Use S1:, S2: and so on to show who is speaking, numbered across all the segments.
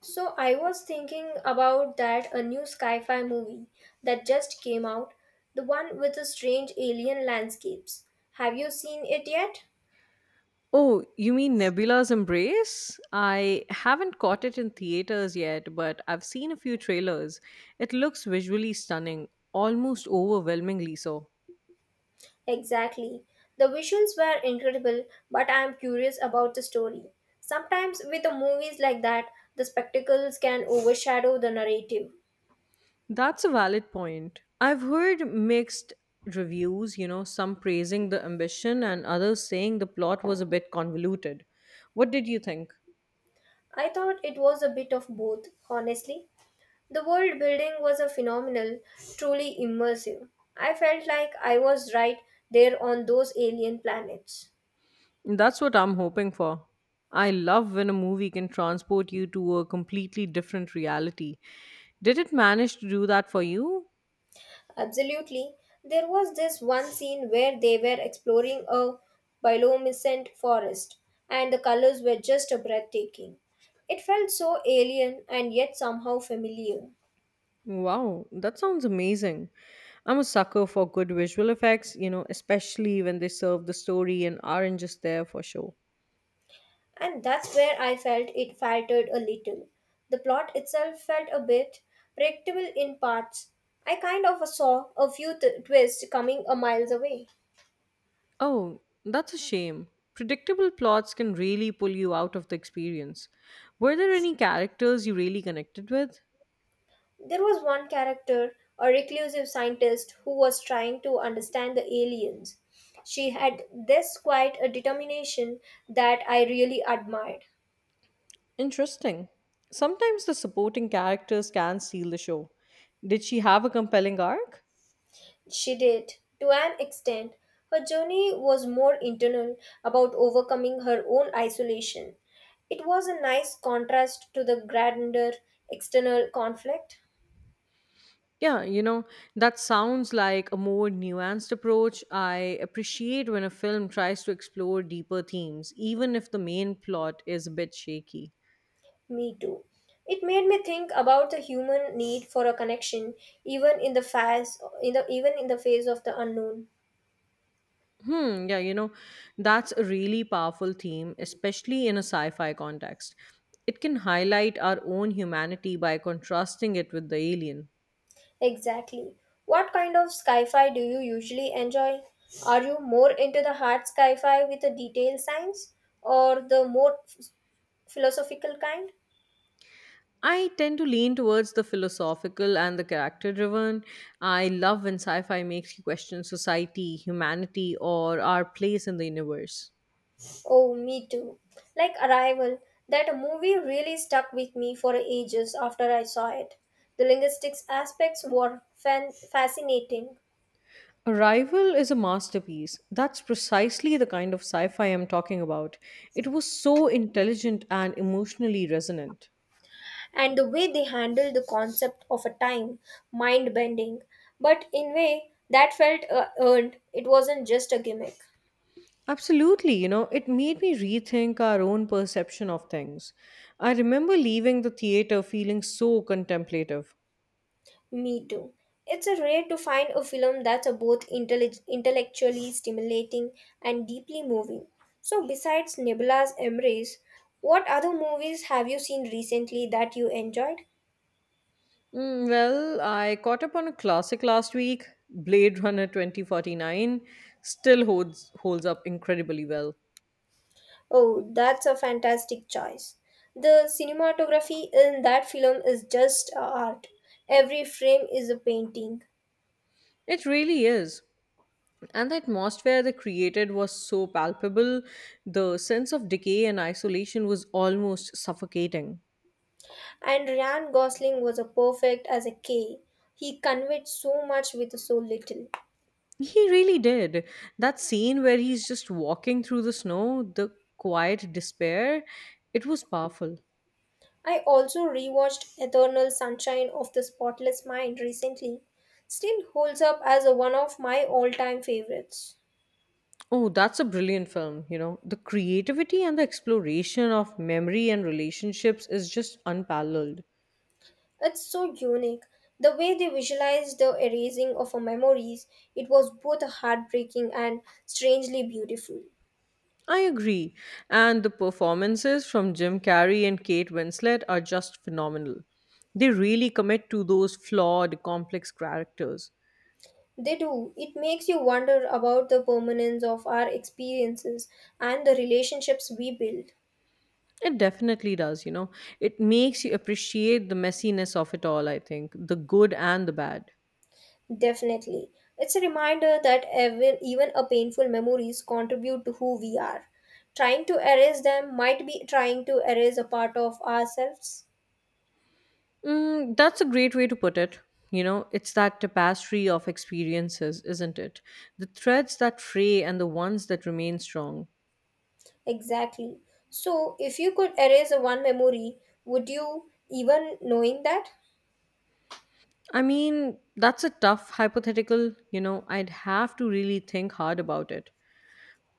S1: So I was thinking about that a new sci-fi movie that just came out, the one with the strange alien landscapes. Have you seen it yet?
S2: Oh, you mean Nebula's Embrace? I haven't caught it in theaters yet, but I've seen a few trailers. It looks visually stunning, almost overwhelmingly so.
S1: Exactly. The visuals were incredible, but I am curious about the story. Sometimes with the movies like that, the spectacles can overshadow the narrative.
S2: That's a valid point. I've heard mixed reviews, you know, some praising the ambition and others saying the plot was a bit convoluted. What did you think?
S1: I thought it was a bit of both, honestly. The world building was a phenomenal, truly immersive. I felt like I was right there on those alien planets.
S2: That's what I'm hoping for. I love when a movie can transport you to a completely different reality. Did it manage to do that for you?
S1: Absolutely. There was this one scene where they were exploring a bioluminescent forest, and the colors were just breathtaking. It felt so alien and yet somehow familiar.
S2: Wow, that sounds amazing. I'm a sucker for good visual effects, you know, especially when they serve the story and aren't just there for show.
S1: And that's where I felt it faltered a little. The plot itself felt a bit predictable in parts. I kind of saw a few twists coming a miles away.
S2: Oh, that's a shame. Predictable plots can really pull you out of the experience. Were there any characters you really connected with?
S1: There was one character, a reclusive scientist, who was trying to understand the aliens. She had this quite a determination that I really admired.
S2: Interesting. Sometimes the supporting characters can steal the show. Did she have a compelling arc?
S1: She did. To an extent, her journey was more internal about overcoming her own isolation. It was a nice contrast to the grander external conflict.
S2: Yeah, you know, that sounds like a more nuanced approach. I appreciate when a film tries to explore deeper themes, even if the main plot is a bit shaky.
S1: Me too. It made me think about the human need for a connection, even in the face of the unknown.
S2: Hmm, yeah, you know, that's a really powerful theme, especially in a sci fi context. It can highlight our own humanity by contrasting it with the alien.
S1: Exactly. What kind of sci-fi do you usually enjoy? Are you more into the hard sci-fi with the detailed science, or the more philosophical kind?
S2: I tend to lean towards the philosophical and the character driven. I love when sci fi makes you question society, humanity, or our place in the universe.
S1: Oh, me too. Like Arrival, that movie really stuck with me for ages after I saw it. The linguistics aspects were fascinating,
S2: Arrival is a masterpiece. That's precisely the kind of sci fi I'm talking about. It was so intelligent and emotionally resonant.
S1: and the way they handled the concept of a time, mind bending. But in way, that felt earned. It wasn't just a gimmick.
S2: Absolutely, you know, it made me rethink our own perception of things. I remember leaving the theater feeling so contemplative.
S1: Me too. It's a rare to find a film that's a both intellectually stimulating and deeply moving. So, besides Nebula's Embrace, what other movies have you seen recently that you enjoyed?
S2: Mm, well, I caught up on a classic last week, Blade Runner 2049, still holds up incredibly well.
S1: Oh, that's a fantastic choice. The cinematography in that film is just art. Every frame is a painting.
S2: It really is. And the atmosphere they created was so palpable, the sense of decay and isolation was almost suffocating.
S1: And Ryan Gosling was a perfect as a K. He conveyed so much with so little.
S2: He really did. That scene where he's just walking through the snow, the quiet despair, it was powerful.
S1: I also rewatched Eternal Sunshine of the Spotless Mind recently. Still holds up as one of my all time favorites.
S2: Oh, that's a brilliant film, you know. The creativity and the exploration of memory and relationships is just unparalleled.
S1: It's so unique. The way they visualized the erasing of our memories, it was both heartbreaking and strangely beautiful.
S2: I agree. And the performances from Jim Carrey and Kate Winslet are just phenomenal. They really commit to those flawed, complex characters.
S1: They do. It makes you wonder about the permanence of our experiences and the relationships we build.
S2: It definitely does, you know. It makes you appreciate the messiness of it all, I think, the good and the bad.
S1: Definitely. It's a reminder that even a painful memories contribute to who we are. Trying to erase them might be trying to erase a part of ourselves.
S2: Mm, that's a great way to put it. You know, it's that tapestry of experiences, isn't it? The threads that fray and the ones that remain strong.
S1: Exactly. So, if you could erase a one memory, would you even knowing that?
S2: I mean, that's a tough hypothetical. You know, I'd have to really think hard about it.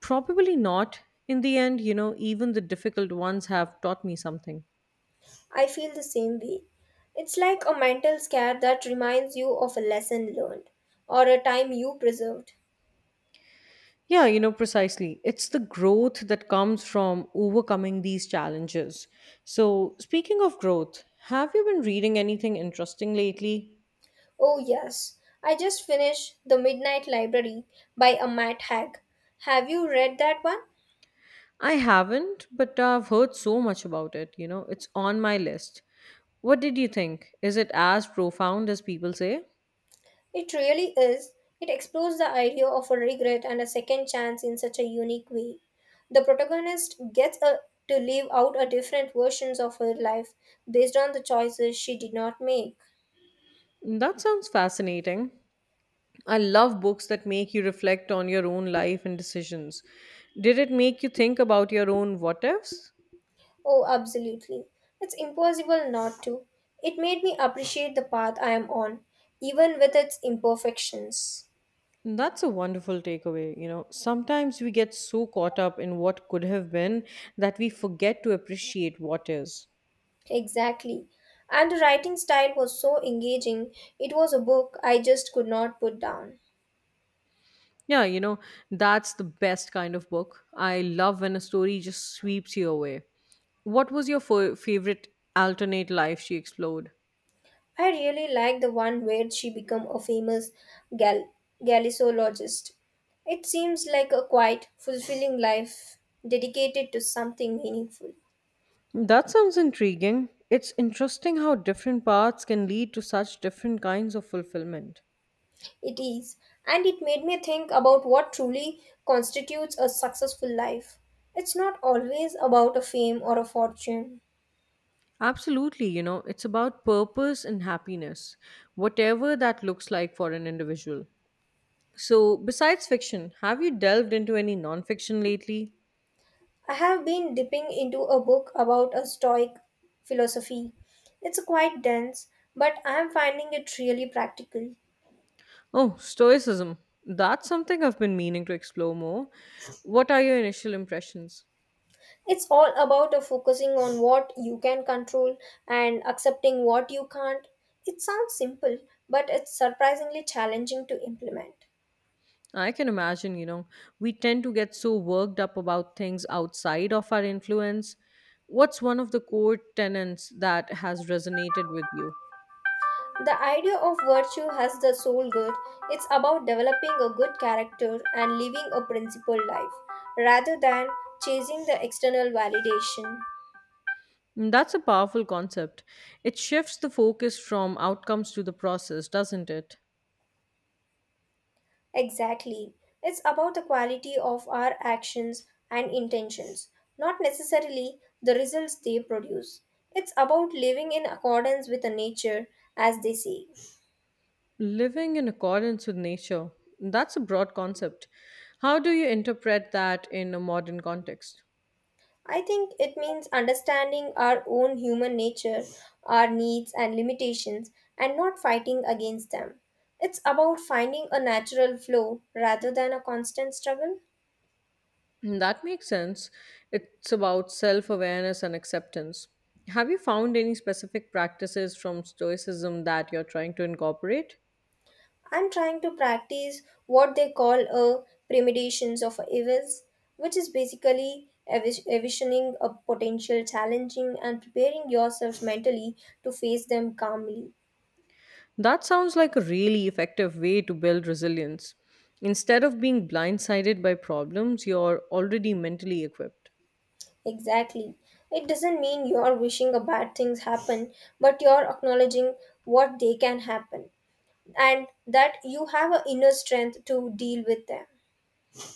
S2: Probably not. In the end, you know, even the difficult ones have taught me something.
S1: I feel the same way. It's like a mental scare that reminds you of a lesson learned or a time you preserved.
S2: Yeah, you know, precisely. It's the growth that comes from overcoming these challenges. So, speaking of growth, have you been reading anything interesting lately?
S1: Oh, yes. I just finished The Midnight Library by a Matt Haig. Have you read that one?
S2: I haven't, but I've heard so much about it. You know, it's on my list. What did you think? Is it as profound as people say?
S1: It really is. It explores the idea of a regret and a second chance in such a unique way. The protagonist gets a, to live out a different versions of her life based on the choices she did not make.
S2: That sounds fascinating. I love books that make you reflect on your own life and decisions. Did it make you think about your own what ifs?
S1: Oh, absolutely. It's impossible not to. It made me appreciate the path I am on, even with its imperfections.
S2: That's a wonderful takeaway. You know, sometimes we get so caught up in what could have been that we forget to appreciate what is.
S1: Exactly. And the writing style was so engaging. It was a book I just could not put down.
S2: Yeah, you know, that's the best kind of book. I love when a story just sweeps you away. What was your favorite alternate life she explored?
S1: I really liked the one where she became a famous gal- gallicologist. It seems like a quite fulfilling life dedicated to something meaningful.
S2: That sounds intriguing. It's interesting how different paths can lead to such different kinds of fulfillment.
S1: It is, and it made me think about what truly constitutes a successful life. It's not always about a fame or a fortune.
S2: Absolutely, you know, it's about purpose and happiness, whatever that looks like for an individual. So, besides fiction, have you delved into any nonfiction lately?
S1: I have been dipping into a book about a Stoic philosophy. It's quite dense, but I am finding it really practical.
S2: Oh, Stoicism. That's something I've been meaning to explore more. What are your initial impressions?
S1: It's all about a focusing on what you can control and accepting what you can't. It sounds simple, but it's surprisingly challenging to implement.
S2: I can imagine, you know, we tend to get so worked up about things outside of our influence. What's one of the core tenets that has resonated with you?
S1: The idea of virtue has the soul good. It's about developing a good character and living a principled life rather than chasing the external validation.
S2: Mm, that's a powerful concept. It shifts the focus from outcomes to the process, doesn't it?
S1: Exactly. It's about the quality of our actions and intentions, not necessarily the results they produce. It's about living in accordance with the nature, as they say.
S2: Living in accordance with nature. That's a broad concept. How do you interpret that in a modern context?
S1: I think it means understanding our own human nature, our needs and limitations, and not fighting against them. It's about finding a natural flow rather than a constant struggle.
S2: Mm, that makes sense. It's about self awareness and acceptance. Have you found any specific practices from Stoicism that you're trying to incorporate?
S1: I'm trying to practice what they call a premeditions of evils, which is basically envisioning a potential challenging and preparing yourself mentally to face them calmly.
S2: That sounds like a really effective way to build resilience. Instead of being blindsided by problems, you're already mentally equipped.
S1: Exactly. It doesn't mean you are wishing a bad things happen, but you are acknowledging what they can happen and that you have an inner strength to deal with them.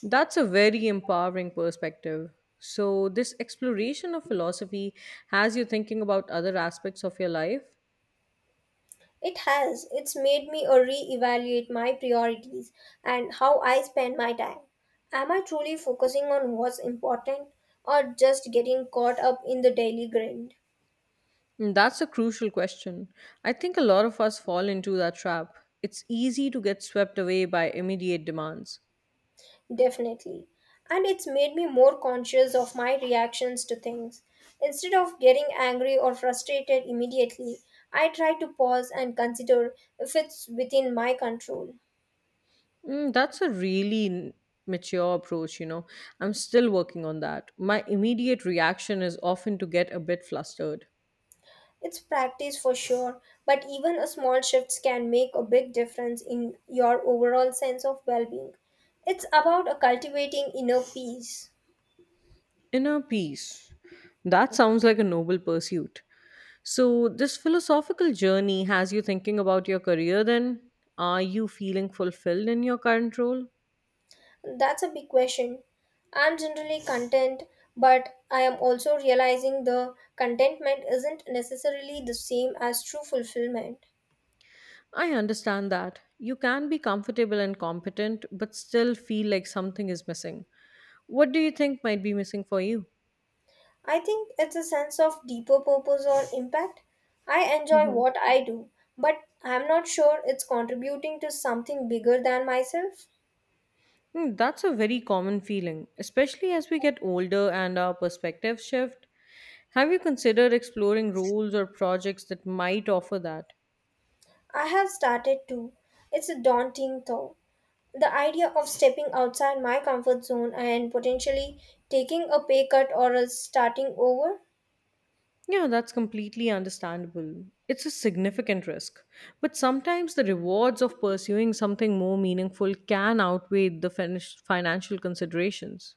S2: That's a very empowering perspective. So, this exploration of philosophy has you thinking about other aspects of your life?
S1: It has. It's made me re-evaluate my priorities and how I spend my time. Am I truly focusing on what's important or just getting caught up in the daily grind?
S2: Mm, that's a crucial question. I think a lot of us fall into that trap. It's easy to get swept away by immediate demands.
S1: Definitely. And it's made me more conscious of my reactions to things. Instead of getting angry or frustrated immediately, I try to pause and consider if it's within my control.
S2: Mm, that's a really mature approach, you know. I'm still working on that. My immediate reaction is often to get a bit flustered.
S1: It's practice for sure, but even a small shifts can make a big difference in your overall sense of well-being. It's about a cultivating inner peace.
S2: Inner peace. That sounds like a noble pursuit. So, this philosophical journey has you thinking about your career then? Are you feeling fulfilled in your current role?
S1: That's a big question. I'm generally content, but I am also realizing the contentment isn't necessarily the same as true fulfillment.
S2: I understand that. You can be comfortable and competent, but still feel like something is missing. What do you think might be missing for you?
S1: I think it's a sense of deeper purpose or impact. I enjoy what I do, but I'm not sure it's contributing to something bigger than myself.
S2: Hmm, that's a very common feeling, especially as we get older and our perspectives shift. Have you considered exploring roles or projects that might offer that?
S1: I have started too. It's a daunting though. The idea of stepping outside my comfort zone and potentially taking a pay cut or a starting over.
S2: Yeah, that's completely understandable. It's a significant risk. But sometimes the rewards of pursuing something more meaningful can outweigh the financial considerations.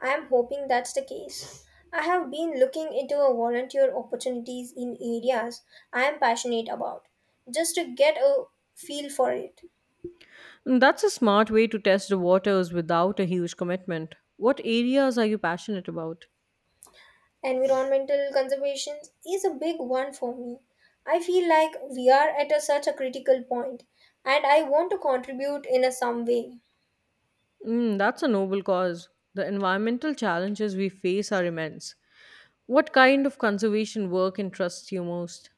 S1: I am hoping that's the case. I have been looking into a volunteer opportunities in areas I am passionate about just to get a feel for it.
S2: That's a smart way to test the waters without a huge commitment. What areas are you passionate about?
S1: Environmental conservation is a big one for me. I feel like we are at a, such a critical point and I want to contribute in a some way.
S2: Mm, that's a noble cause. The environmental challenges we face are immense. What kind of conservation work interests you most?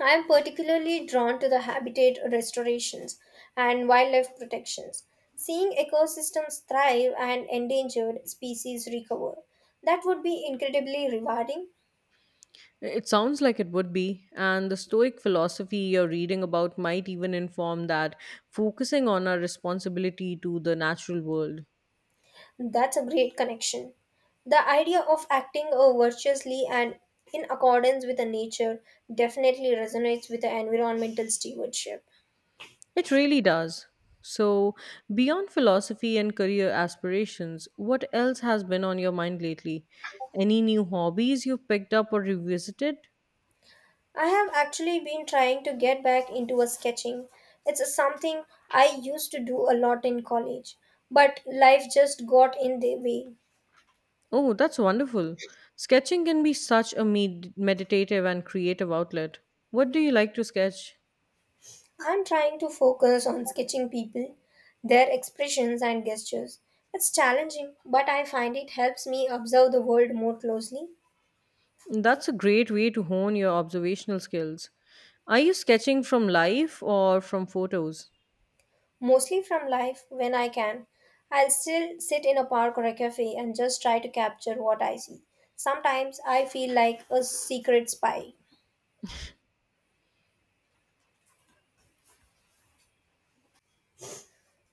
S1: I am particularly drawn to the habitat restorations and wildlife protections. Seeing ecosystems thrive and endangered species recover, that would be incredibly rewarding.
S2: It sounds like it would be, and the Stoic philosophy you're reading about might even inform that, focusing on our responsibility to the natural world.
S1: That's a great connection. The idea of acting virtuously and in accordance with the nature definitely resonates with the environmental stewardship.
S2: It really does. So, beyond philosophy and career aspirations, what else has been on your mind lately? Any new hobbies you've picked up or revisited?
S1: I have actually been trying to get back into a sketching. It's something I used to do a lot in college, but life just got in the way.
S2: Oh, that's wonderful. Sketching can be such a meditative and creative outlet. What do you like to sketch?
S1: I'm trying to focus on sketching people, their expressions and gestures. It's challenging, but I find it helps me observe the world more closely,
S2: That's a great way to hone your observational skills. Are you sketching from life or from photos?
S1: mostly from life when I can. I'll still sit in a park or a cafe and just try to capture what I see. Sometimes I feel like a secret spy.